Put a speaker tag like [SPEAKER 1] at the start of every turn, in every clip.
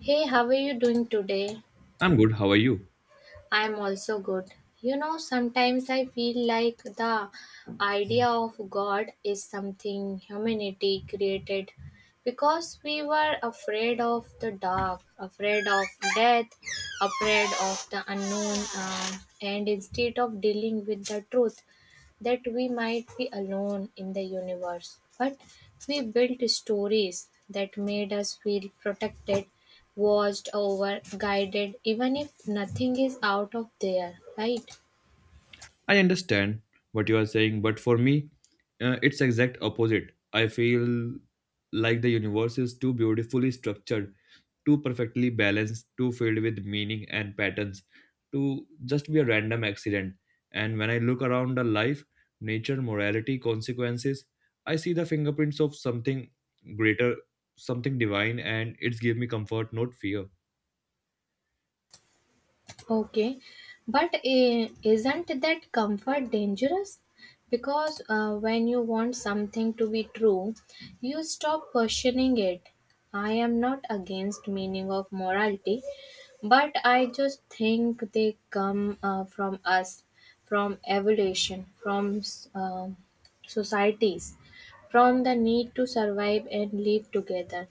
[SPEAKER 1] Hey, how are you doing today?
[SPEAKER 2] I'm good. How are you?
[SPEAKER 1] I'm also good. You know, sometimes I feel like the idea of God is something humanity created because we were afraid of the dark, afraid of death, afraid of the unknown, and instead of dealing with the truth that we might be alone in the universe, but we built stories that made us feel protected, watched over, guided, even if nothing is out of there, right?
[SPEAKER 2] I understand what you are saying, but for me, it's exact opposite. I feel like the universe is too beautifully structured, too perfectly balanced, too filled with meaning and patterns, to just be a random accident. And when I look around the life, nature, morality, consequences, I see the fingerprints of something greater, something divine, and it's give me comfort, not fear.
[SPEAKER 1] Okay, but isn't that comfort dangerous? Because when you want something to be true, you stop questioning it. I am not against meaning of morality, but I just think they come from us, from evolution, from societies, from the need to survive and live together.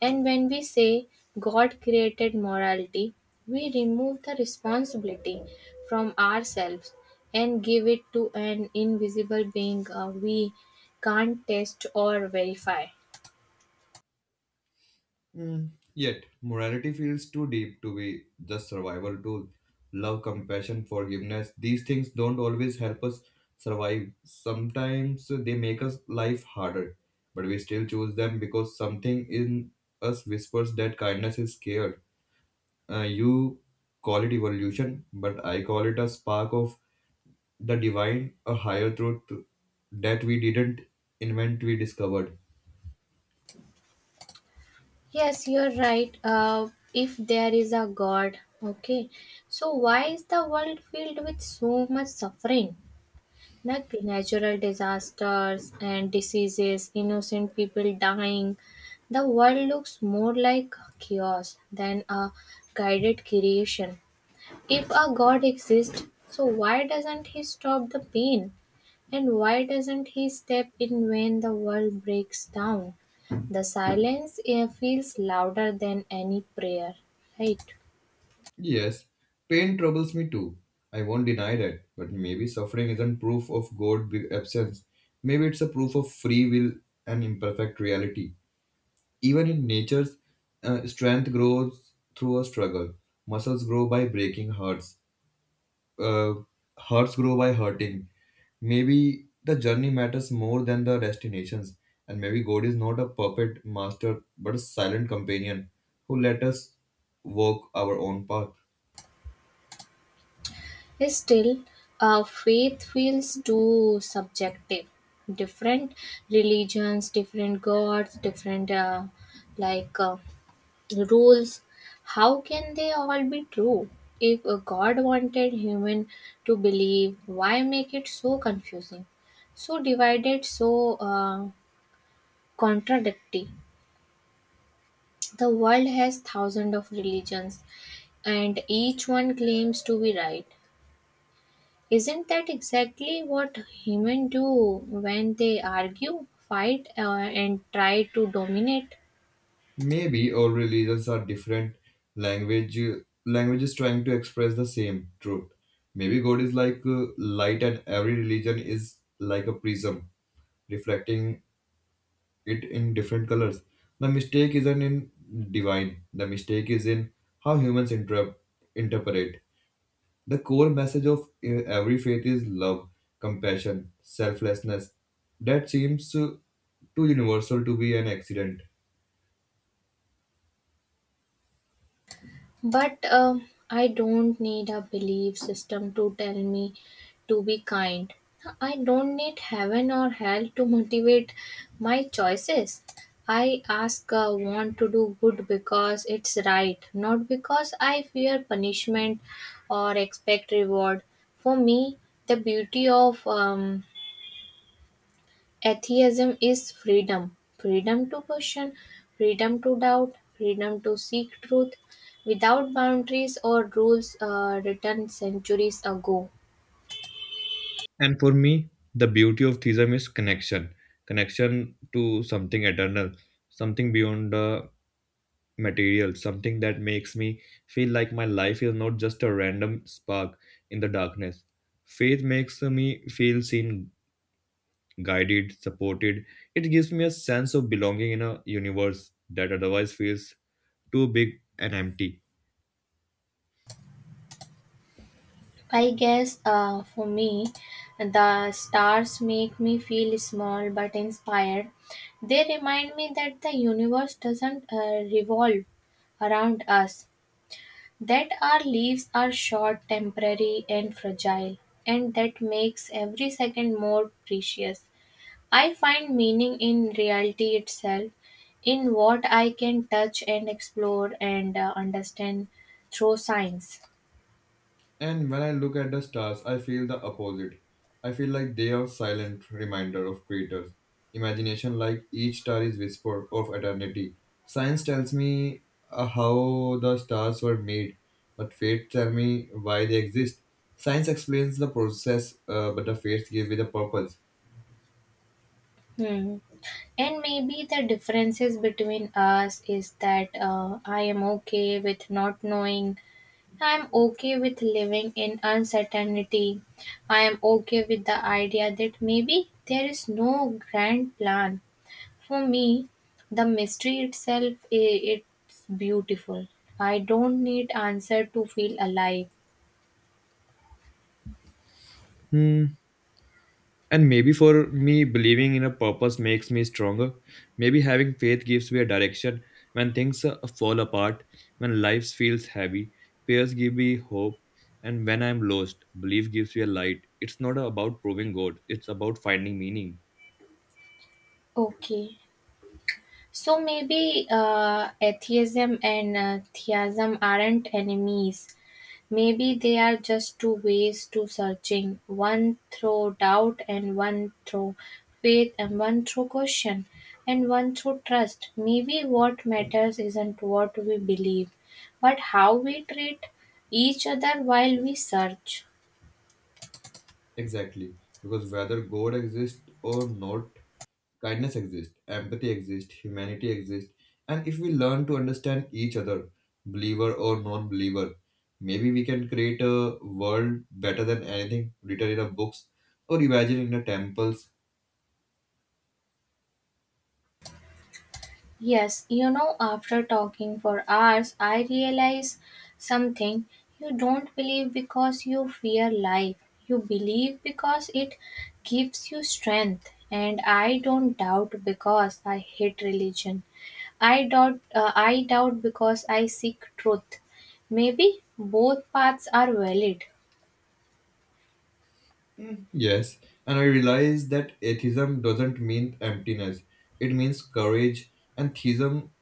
[SPEAKER 1] And when we say God created morality, we remove the responsibility from ourselves and give it to an invisible being we can't test or verify.
[SPEAKER 2] Mm. Yet, morality feels too deep to be just survival tool. Love, compassion, forgiveness, these things don't always help us survive. Sometimes they make us life harder, but we still choose them because something in us whispers that kindness is scared. You call it evolution, but I call it a spark of the divine, a higher truth that we didn't invent, we discovered.
[SPEAKER 1] Yes, you're right. If there is a God, okay. So, why is the world filled with so much suffering? Like natural disasters and diseases, innocent people dying. The world looks more like chaos than a guided creation. If a God exists, so why doesn't He stop the pain? And why doesn't He step in when the world breaks down? The silence feels louder than any prayer, right?
[SPEAKER 2] Yes, pain troubles me too. I won't deny that. But maybe suffering isn't proof of God absence. Maybe it's a proof of free will and imperfect reality. Even in nature's strength grows through a struggle. Muscles grow by breaking hearts. Uh, hearts grow by hurting. Maybe the journey matters more than the destinations. And maybe God is not a puppet master, but a silent companion who let us walk our own path.
[SPEAKER 1] Still, faith feels too subjective. Different religions, different gods, different like uh, rules. How can they all be true? If a God wanted human to believe, why make it so confusing, so divided, so contradictory? The world has thousands of religions, and each one claims to be right. Isn't that exactly what humans do when they argue, fight, and try to dominate?
[SPEAKER 2] Maybe all religions are different language languages trying to express the same truth. Maybe God is like light and every religion is like a prism reflecting it in different colors. The mistake isn't in divine. The mistake is in how humans interpret. The core message of every faith is love, compassion, selflessness. That seems too universal to be an accident.
[SPEAKER 1] But I don't need a belief system to tell me to be kind. I don't need heaven or hell to motivate my choices. I ask, want to do good because it's right, not because I fear punishment or expect reward. For me, the beauty of Atheism is freedom, freedom to question, freedom to doubt, freedom to seek truth without boundaries or rules written centuries ago.
[SPEAKER 2] And for me, the beauty of theism is connection to something eternal, something beyond the material, something that makes me feel like my life is not just a random spark in the darkness. Faith makes me feel seen, guided, supported. It gives me a sense of belonging in a universe that otherwise feels too big and empty.
[SPEAKER 1] I guess for me, the stars make me feel small but inspired. They remind me that the universe doesn't revolve around us, that our lives are short, temporary, and fragile, and that makes every second more precious. I find meaning in reality itself, in what I can touch and explore and understand through science.
[SPEAKER 2] And when I look at the stars, I feel the opposite. I feel like they are silent reminder of creators. Imagination like each star is whisper of eternity. Science tells me how the stars were made, but fate tell me why they exist. Science explains the process, but the fates give me the purpose.
[SPEAKER 1] Hmm. And maybe the differences between us is that I am okay with not knowing. I am okay with living in uncertainty. I am okay with the idea that maybe there is no grand plan. For me, the mystery itself I- it's beautiful. I don't need answer to feel alive.
[SPEAKER 2] Hmm. And maybe for me, believing in a purpose makes me stronger. Maybe having faith gives me a direction when things fall apart, when life feels heavy. Prayers give me hope, and when I'm lost, belief gives me a light. It's not about proving God, it's about finding meaning.
[SPEAKER 1] Okay. So maybe atheism and theism aren't enemies. Maybe they are just two ways to searching, one through doubt and one through faith and one through question and one through trust. Maybe what matters isn't what we believe, but how we treat each other while we search.
[SPEAKER 2] Exactly. Because whether God exists or not, kindness exists, empathy exists, humanity exists. And if we learn to understand each other, believer or non believer, maybe we can create a world better than anything written in the books or imagined in the temples.
[SPEAKER 1] Yes, you know, after talking for hours, I realize something. You don't believe because you fear life. You believe because it gives you strength. And I don't doubt because I hate religion. I doubt. I doubt because I seek truth. Maybe both paths are valid.
[SPEAKER 2] Yes, and I realize that atheism doesn't mean emptiness. It means courage, and theism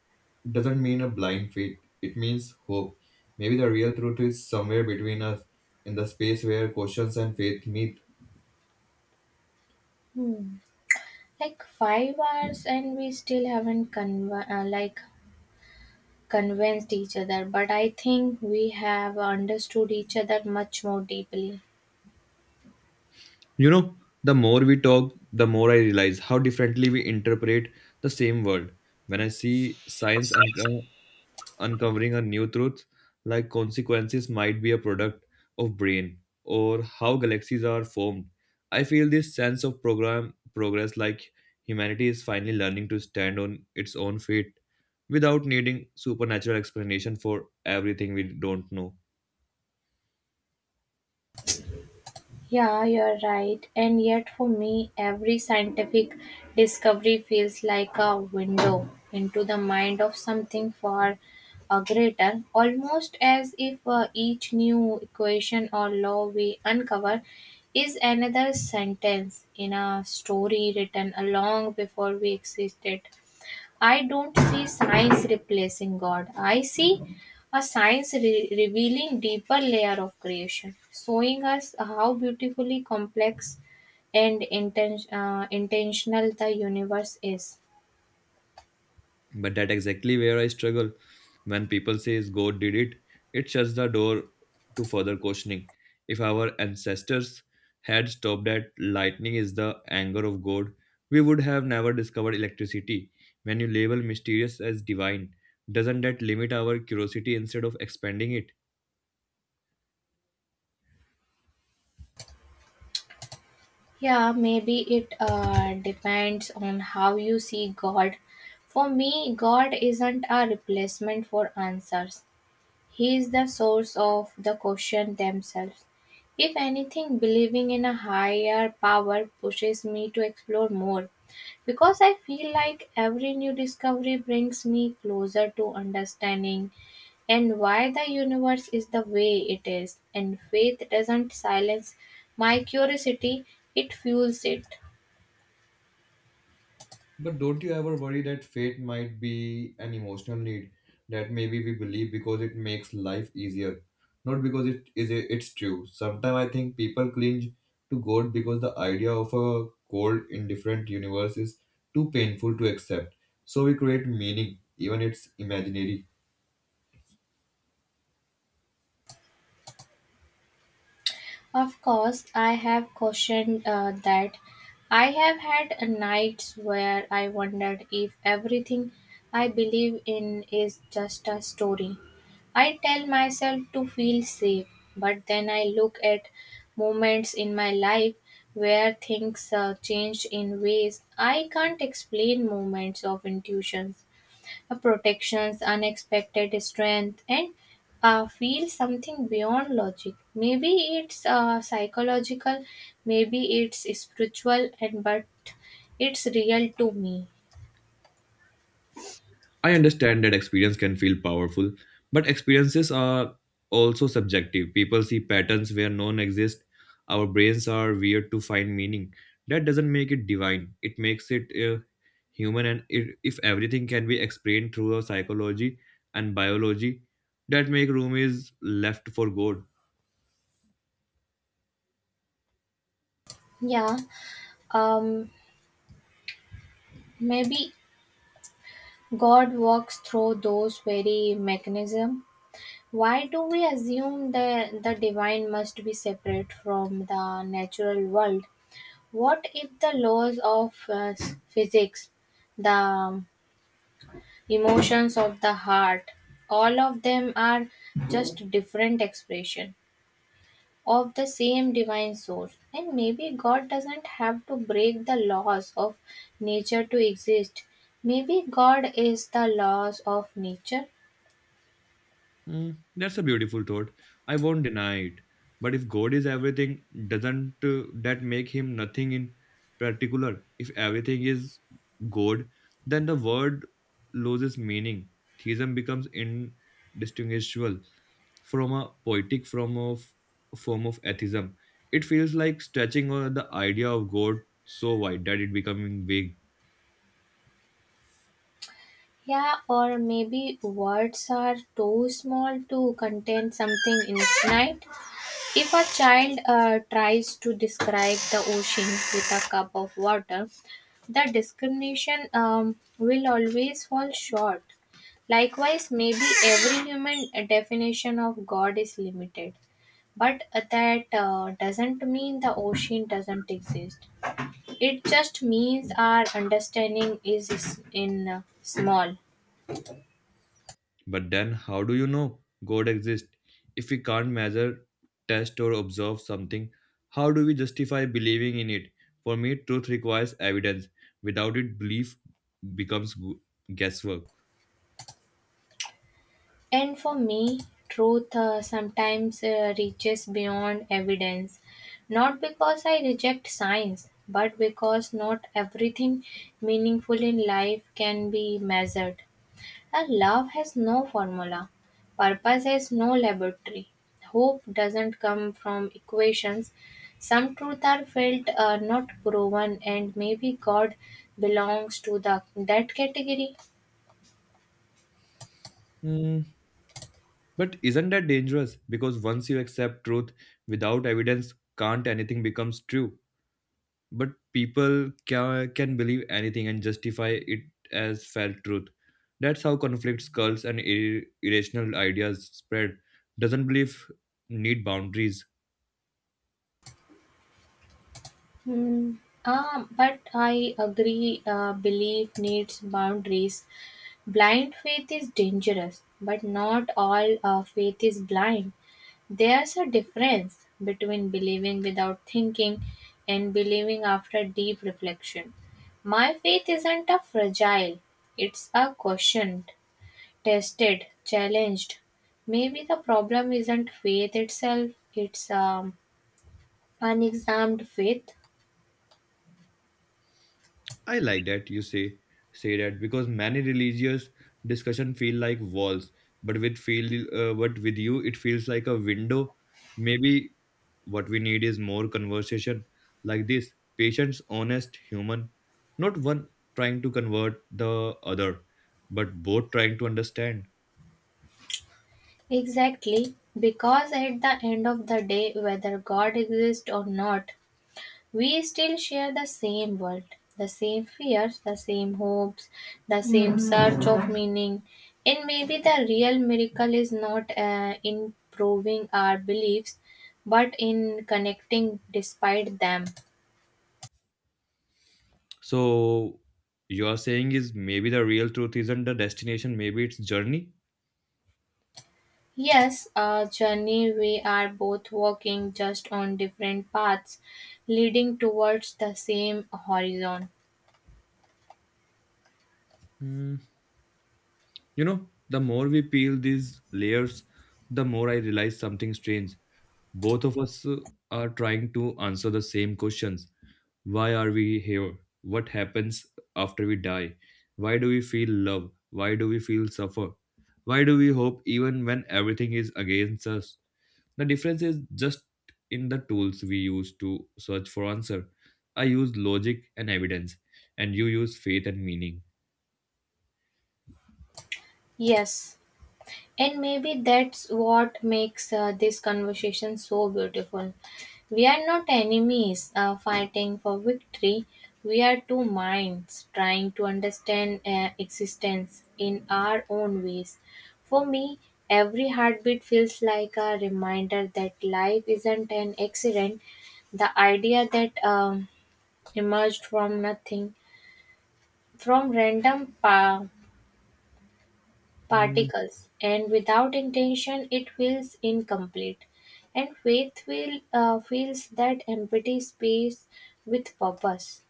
[SPEAKER 2] doesn't mean a blind faith. It means hope. Maybe the real truth is somewhere between us, in the space where questions and faith meet.
[SPEAKER 1] Hmm. Like 5 hours, and we still haven't convinced each other, but I think we have understood each other much more deeply.
[SPEAKER 2] You know, the more we talk, the more I realize how differently we interpret the same world. When I see science and uncovering a new truth like consequences might be a product of brain or how galaxies are formed. I feel this sense of program progress like humanity is finally learning to stand on its own feet without needing supernatural explanation for everything we don't know.
[SPEAKER 1] Yeah, you're right. And yet, for me, every scientific discovery feels like a window into the mind of something far greater, almost as if each new equation or law we uncover is another sentence in a story written long before we existed. I don't see science replacing God. I see revealing deeper layer of creation, showing us how beautifully complex and intentional the universe is.
[SPEAKER 2] But that exactly where I struggle. When people says God did it, it shuts the door to further questioning. If our ancestors had stopped at lightning is the anger of God, we would have never discovered electricity. When you label mysterious as divine, doesn't that limit our curiosity instead of expanding it?
[SPEAKER 1] Yeah, maybe it depends on how you see God. For me, God isn't a replacement for answers. He is the source of the question themselves. If anything, believing in a higher power pushes me to explore more because I feel like every new discovery brings me closer to understanding and why the universe is the way it is. And faith doesn't silence my curiosity, it fuels it.
[SPEAKER 2] But don't you ever worry that fate might be an emotional need, that maybe we believe because it makes life easier, not because it's true. Sometimes I think people cling to God because the idea of a cold, indifferent universe is too painful to accept. So we create meaning, even it's imaginary.
[SPEAKER 1] Of course, I have questioned that. I have had nights where I wondered if everything I believe in is just a story. I tell myself to feel safe, but then I look at moments in my life where things changed in ways I can't explain, moments of intuition, a protection's unexpected strength, and feel something beyond logic. Maybe it's psychological, maybe it's spiritual, and but it's real to me.
[SPEAKER 2] I understand that experience can feel powerful, but experiences are also subjective. People see patterns where none exist. Our brains are weird to find meaning. That doesn't make it divine. It makes it human. And if everything can be explained through our psychology and biology, that make room is left for God.
[SPEAKER 1] Yeah. um Maybe God walks through those very mechanism. Why do we assume that the divine must be separate from the natural world? What if the laws of physics, the emotions of the heart, all of them are just different expression of the same divine source? And maybe God doesn't have to break the laws of nature to exist. Maybe God is the laws of nature.
[SPEAKER 2] That's a beautiful thought. I won't deny it. But if God is everything, doesn't that make him nothing in particular? If everything is God, then the word loses meaning. Theism becomes indistinguishable from a poetic form of atheism. It feels like stretching the idea of God so wide that it becoming vague.
[SPEAKER 1] Yeah, or maybe words are too small to contain something infinite. If a child tries to describe the ocean with a cup of water, the discrimination will always fall short. Likewise, maybe every human definition of God is limited, but that doesn't mean the ocean doesn't exist. It just means our understanding is in small.
[SPEAKER 2] But then, how do you know God exists? If we can't measure, test, or observe something, how do we justify believing in it? For me, truth requires evidence. Without it, belief becomes guesswork.
[SPEAKER 1] And for me, truth sometimes reaches beyond evidence, not because I reject science, but because not everything meaningful in life can be measured. A love has no formula, purpose has no laboratory, hope doesn't come from equations. Some truths are felt, not proven, and maybe God belongs to the that category.
[SPEAKER 2] Hmm, But isn't that dangerous? Because once you accept truth without evidence, can't anything becomes true? But people can believe anything and justify it as felt truth. That's how conflicts, cults, and irrational ideas spread. Doesn't believe need boundaries?
[SPEAKER 1] Hmm. Ah, but I agree, belief needs boundaries. Blind faith is dangerous, but not all faith is blind. There's a difference between believing without thinking and believing after deep reflection. My faith isn't a fragile, it's a questioned, tested, challenged. Maybe the problem isn't faith itself, it's unexamined faith.
[SPEAKER 2] I like that you say that because many religious discussion feel like walls, but with you it feels like a window. Maybe what we need is more conversation like this: patients, honest, human, not one trying to convert the other, but both trying to understand.
[SPEAKER 1] Exactly, because at the end of the day, whether God exists or not, we still share the same world, the same fears, the same hopes, the same search of meaning. And maybe the real miracle is not in proving our beliefs, but in connecting despite them.
[SPEAKER 2] So, you are saying is maybe the real truth isn't the destination, maybe it's journey.
[SPEAKER 1] Yes, a journey we are both walking just on different paths, leading towards the same horizon.
[SPEAKER 2] Hmm. You know, the more we peel these layers, the more I realize something strange. Both of us are trying to answer the same questions. Why are we here? What happens after we die? Why do we feel love? Why do we feel suffer? Why do we hope even when everything is against us? The difference is just in the tools we use to search for answer. I use logic and evidence, and you use faith and meaning.
[SPEAKER 1] Yes. And maybe that's what makes this conversation so beautiful. We are not enemies fighting for victory. We are two minds trying to understand existence in our own ways. For me, every heartbeat feels like a reminder that life isn't an accident. The idea that emerged from nothing, from random pa-
[SPEAKER 2] Mm,
[SPEAKER 1] particles, and without intention, it feels incomplete. And faith fills that empty space with purpose.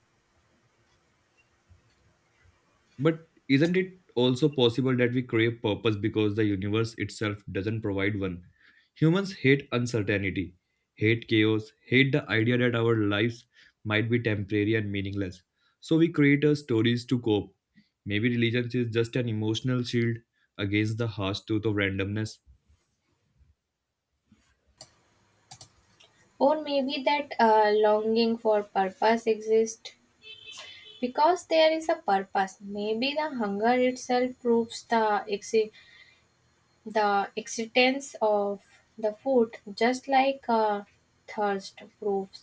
[SPEAKER 2] But isn't it also possible that we crave purpose because the universe itself doesn't provide one? Humans hate uncertainty, hate chaos, hate the idea that our lives might be temporary and meaningless. So we create our stories to cope. Maybe religion is just an emotional shield against the harsh truth of randomness.
[SPEAKER 1] Or maybe that longing for purpose exists because there is a purpose. Maybe the hunger itself proves the existence of the food, just like thirst proves.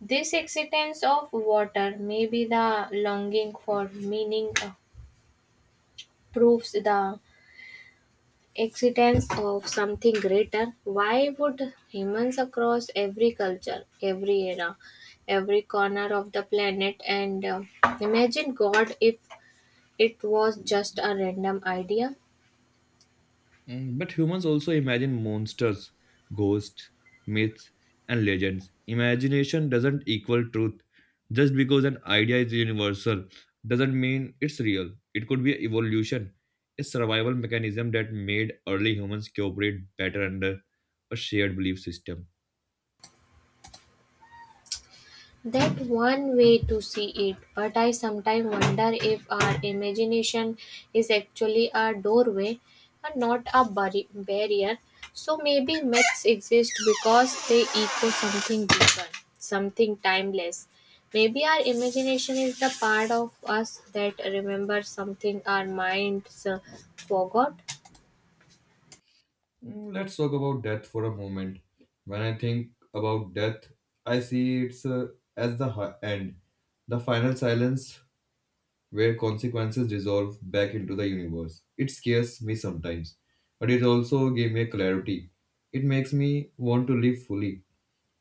[SPEAKER 1] This existence of water. Maybe the longing for meaning proves the existence of something greater. Why would humans across every culture, every era, every corner of the planet and imagine God if it was just a random idea?
[SPEAKER 2] But humans also imagine monsters, ghosts, myths, and legends. Imagination doesn't equal truth. Just because an idea is universal doesn't mean it's real. It could be evolution, a survival mechanism that made early humans cooperate better under a shared belief system.
[SPEAKER 1] That one way to see it, but I sometimes wonder if our imagination is actually a doorway and not a barrier. So maybe myths exist because they echo something deeper, something timeless. Maybe our imagination is the part of us that remembers something our minds forgot.
[SPEAKER 2] Let's talk about death for a moment. When I think about death, I see it's as the end, the final silence where consequences dissolve back into the universe. It scares me sometimes, but it also gave me a clarity. It makes me want to live fully,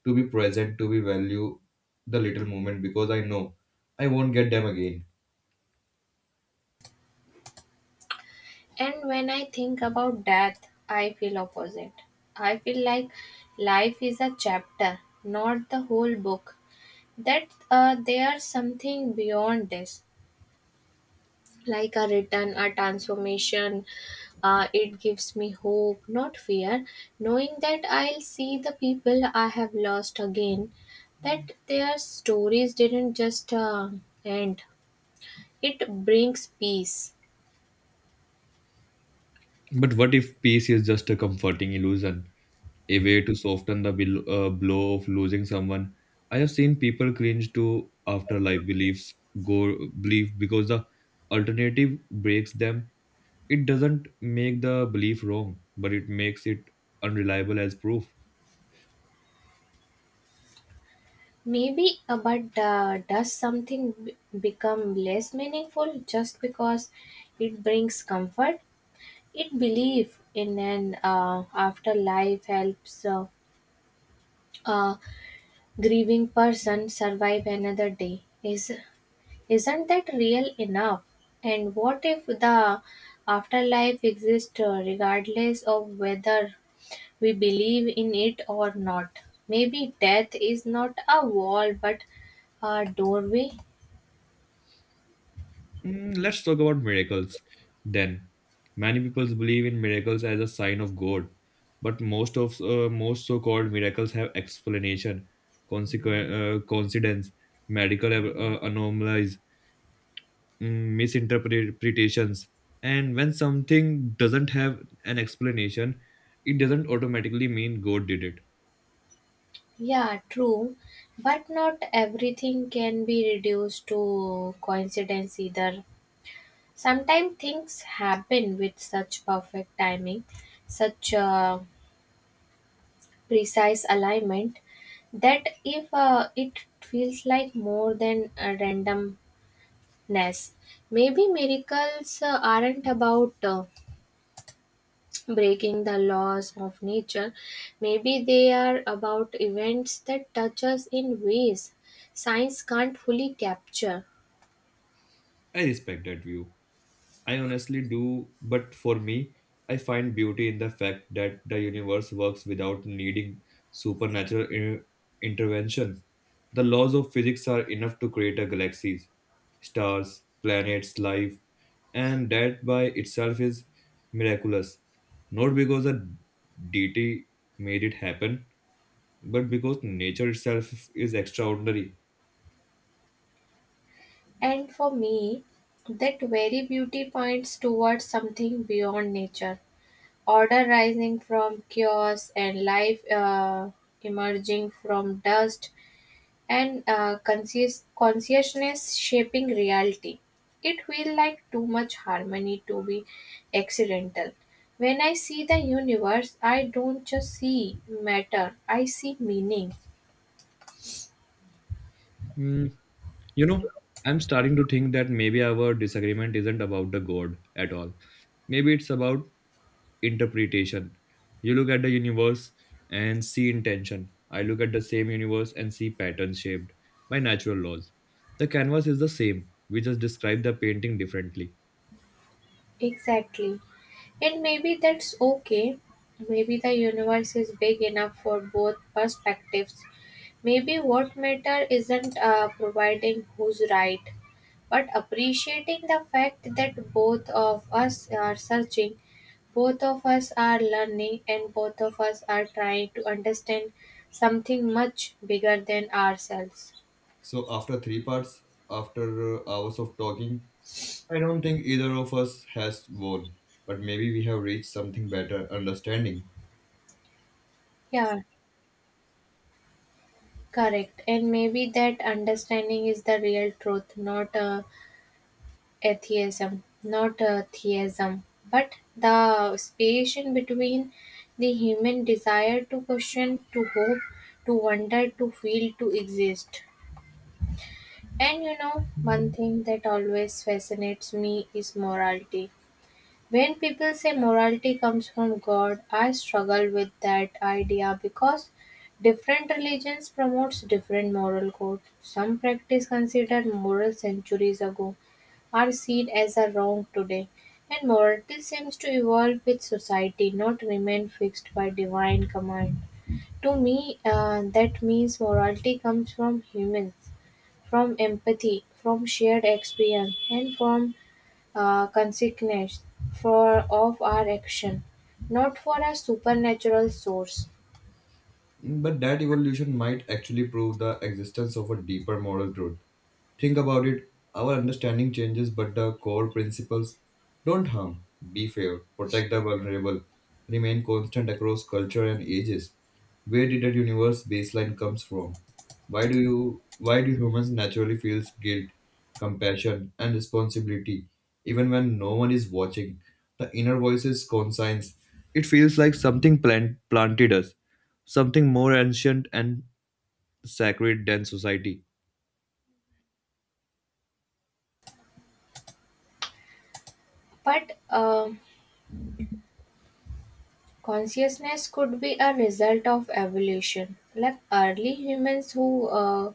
[SPEAKER 2] to be present, to be value the little moment because I know I won't get them again.
[SPEAKER 1] And when I think about death, I feel opposite. I feel like life is a chapter, not the whole book. That there's something beyond this, like a return, a transformation. It gives me hope, not fear, knowing that I'll see the people I have lost again, that their stories didn't just end. It brings peace.
[SPEAKER 2] But what if peace is just a comforting illusion, a way to soften the blow of losing someone? I have seen people cringe to afterlife beliefs, go belief because the alternative breaks them. It doesn't make the belief wrong, but it makes it unreliable as proof.
[SPEAKER 1] Maybe, but does become less meaningful just because it brings comfort? It belief in an afterlife helps a grieving person survive another day. Is Isn't that real enough? And what if the afterlife exists regardless of whether we believe in it or not? Maybe death is not a wall but a doorway.
[SPEAKER 2] Let's talk about miracles then. Many people believe in miracles as a sign of God, but most so-called miracles have explanation, coincidence, medical anomalies, misinterpretations. And when something doesn't have an explanation, it doesn't automatically mean God did it.
[SPEAKER 1] Yeah, true. But not everything can be reduced to coincidence either. Sometimes things happen with such perfect timing, such precise alignment, that if it feels like more than a randomness. Maybe miracles aren't about breaking the laws of nature. Maybe they are about events that touch us in ways science can't fully capture.
[SPEAKER 2] I respect that view. I honestly do, but for me, I find beauty in the fact that the universe works without needing supernatural intervention. The laws of physics are enough to create a galaxies, stars, planets, life, and that by itself is miraculous. Not because a deity made it happen, but because nature itself is extraordinary.
[SPEAKER 1] And for me, that very beauty points towards something beyond nature, order rising from chaos, and life emerging from dust, and consciousness shaping reality. It feel like too much harmony to be accidental. When I see the universe, I don't just see matter, I see meaning.
[SPEAKER 2] Hmm, You know, I'm starting to think that maybe our disagreement isn't about the God at all. Maybe it's about interpretation. You look at the universe and see intention. I look at the same universe and see patterns shaped by natural laws. The canvas is the same. We just describe the painting differently.
[SPEAKER 1] Exactly. And maybe that's okay. Maybe the universe is big enough for both perspectives. Maybe what matter isn't providing who's right, but appreciating the fact that both of us are searching. Both of us are learning, and both of us are trying to understand something much bigger than ourselves.
[SPEAKER 2] So after three parts, after hours of talking, I don't think either of us has won, but maybe we have reached something better understanding.
[SPEAKER 1] Yeah, correct. And maybe that understanding is the real truth, not atheism, not theism, but the space in between, the human desire to question, to hope, to wonder, to feel, to exist. And one thing that always fascinates me is morality. When people say morality comes from God, I struggle with that idea because different religions promotes different moral codes. Some practice considered moral centuries ago are seen as a wrong today, and morality seems to evolve with society, not remain fixed by divine command. To me, that means morality comes from humans, from empathy, from shared experience, and from consequence for of our action, not for a supernatural source.
[SPEAKER 2] But that evolution might actually prove the existence of a deeper moral truth. Think about it. Our understanding changes, but the core principles don't harm, be fair, protect the vulnerable remain constant across culture and ages. Where did that universe baseline comes from? Why do humans naturally feel guilt, compassion, and responsibility even when no one is watching? The inner voice is conscience. It feels like something planted us, something more ancient and sacred than society.
[SPEAKER 1] But consciousness could be a result of evolution. Like early humans who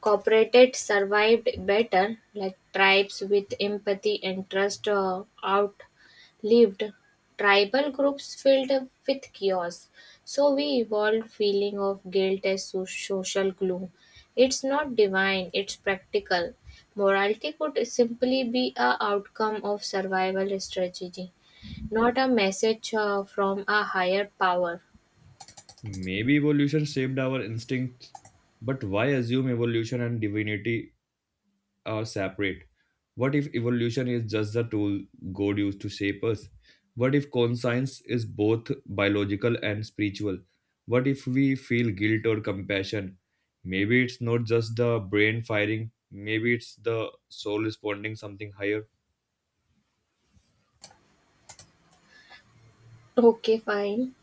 [SPEAKER 1] cooperated, survived better, like tribes with empathy and trust, or outlived tribal groups filled with chaos. So we evolved feeling of guilt as social glue. It's not divine, it's practical. Morality could simply be a outcome of survival strategy, not a message from a higher power.
[SPEAKER 2] Maybe evolution shaped our instincts, but why assume evolution and divinity are separate? What if evolution is just the tool God used to shape us? What if conscience is both biological and spiritual? What if we feel guilt or compassion? Maybe it's not just the brain firing, maybe it's the soul responding something higher.
[SPEAKER 1] Okay, fine.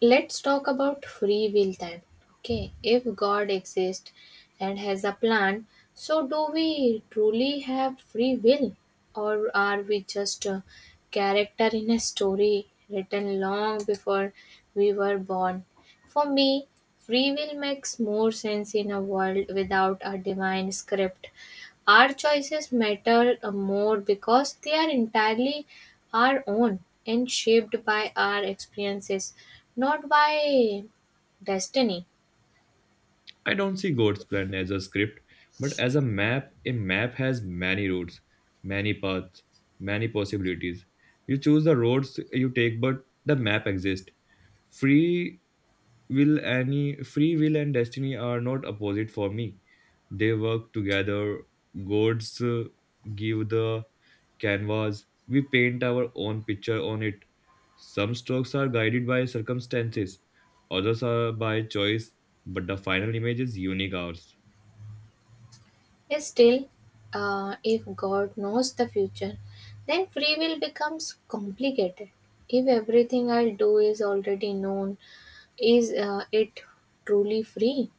[SPEAKER 1] Let's talk about free will then. Okay, if God exists and has a plan, so do we truly have free will, or are we just a character in a story written long before we were born? For me, free will makes more sense in a world without a divine script. Our choices matter more because they are entirely our own and shaped by our experiences, not by destiny.
[SPEAKER 2] I don't see God's plan as a script, but as a map. A map has many roads, many paths, many possibilities. You choose the roads you take, but the map exists. Free will any free will and destiny are not opposite for me. They work together. Gods give the canvas, we paint our own picture on it. Some strokes are guided by circumstances, others are by choice, but the final image is unique ours.
[SPEAKER 1] Still, if God knows the future, then free will becomes complicated. If everything I'll do is already known, is it truly free?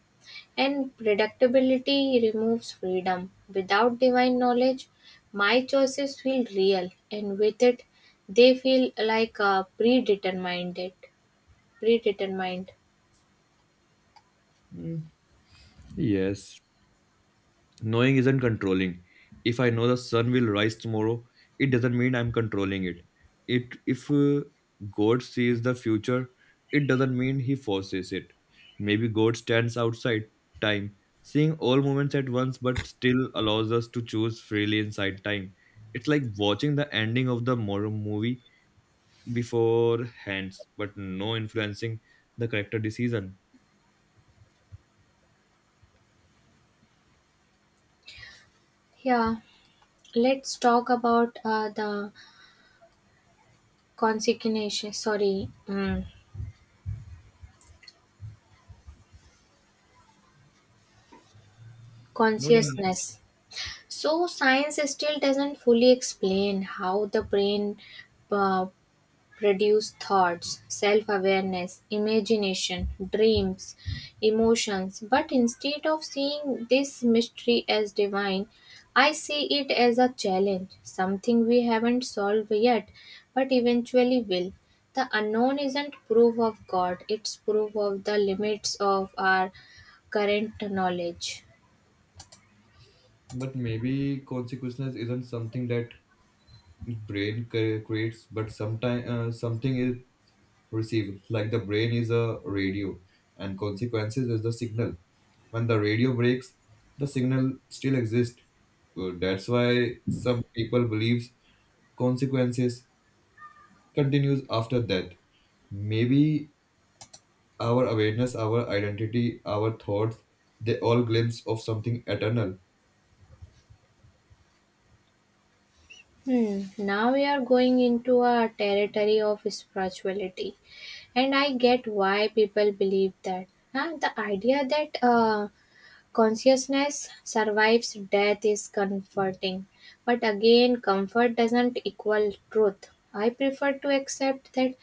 [SPEAKER 1] And predictability removes freedom. Without divine knowledge, my choices feel real, and with it, they feel like predetermined. It predetermined.
[SPEAKER 2] Mm, yes. Knowing isn't controlling. If I know the sun will rise tomorrow, it doesn't mean I'm controlling it. If God sees the future, it doesn't mean he forces it. Maybe God stands outside time, seeing all moments at once but still allows us to choose freely inside time. It's like watching the ending of the moral movie before hands, but no influencing the character decision.
[SPEAKER 1] Yeah, let's talk about the consequences. Sorry,
[SPEAKER 2] Not any.
[SPEAKER 1] consciousness. So science still doesn't fully explain how the brain uh, produce thoughts, self awareness, imagination, dreams, emotions. But instead of seeing this mystery as divine, I see it as a challenge, something we haven't solved yet, but eventually will. The unknown isn't proof of God, it's proof of the limits of our current knowledge.
[SPEAKER 2] But maybe consequences isn't something that brain creates but sometimes something is received, like the brain is a radio and consequences is the signal. When the radio breaks, the signal still exists. That's why some people believes consequences continues after death. Maybe our awareness, our identity, our thoughts, they all glimpse of something eternal.
[SPEAKER 1] Hmm. Now we are going into a territory of spirituality, and I get why people believe that. Huh? The idea that consciousness survives death is comforting, but again, comfort doesn't equal truth. I prefer to accept that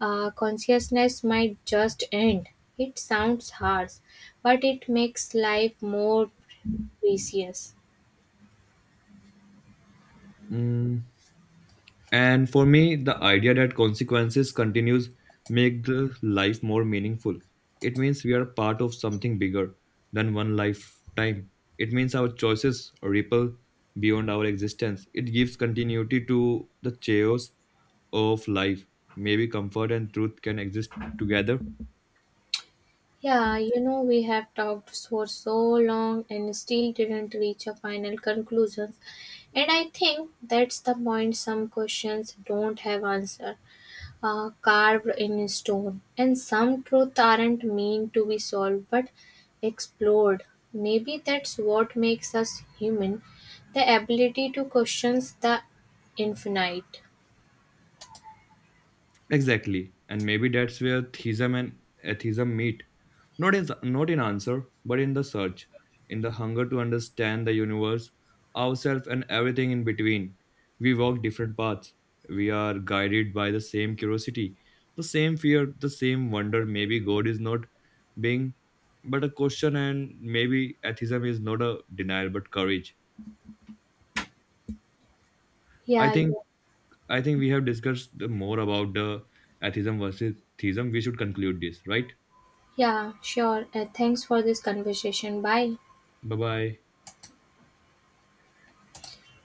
[SPEAKER 1] consciousness might just end. It sounds harsh, but it makes life more precious.
[SPEAKER 2] Mm, And for me, the idea that consequences continues make the life more meaningful. It means we are part of something bigger than one lifetime. It means our choices ripple beyond our existence. It gives continuity to the chaos of life. Maybe comfort and truth can exist together.
[SPEAKER 1] Yeah, you know, we have talked for so long and still didn't reach a final conclusion. And I think that's the point. Some questions don't have answer carved in stone. And some truth aren't meant to be solved but explored. Maybe that's what makes us human, the ability to question the infinite.
[SPEAKER 2] Exactly. And maybe that's where theism and atheism meet. Not in answer, but in the search, in the hunger to understand the universe, ourselves, and everything in between. We walk different paths. We are guided by the same curiosity, the same fear, the same wonder. Maybe God is not being but a question, and maybe atheism is not a denial but courage. I
[SPEAKER 1] Yeah,
[SPEAKER 2] think
[SPEAKER 1] yeah,
[SPEAKER 2] I think we have discussed the more about the atheism versus theism. We should conclude this, right?
[SPEAKER 1] yeah, sure. Thanks for this conversation. Bye.
[SPEAKER 2] Bye bye.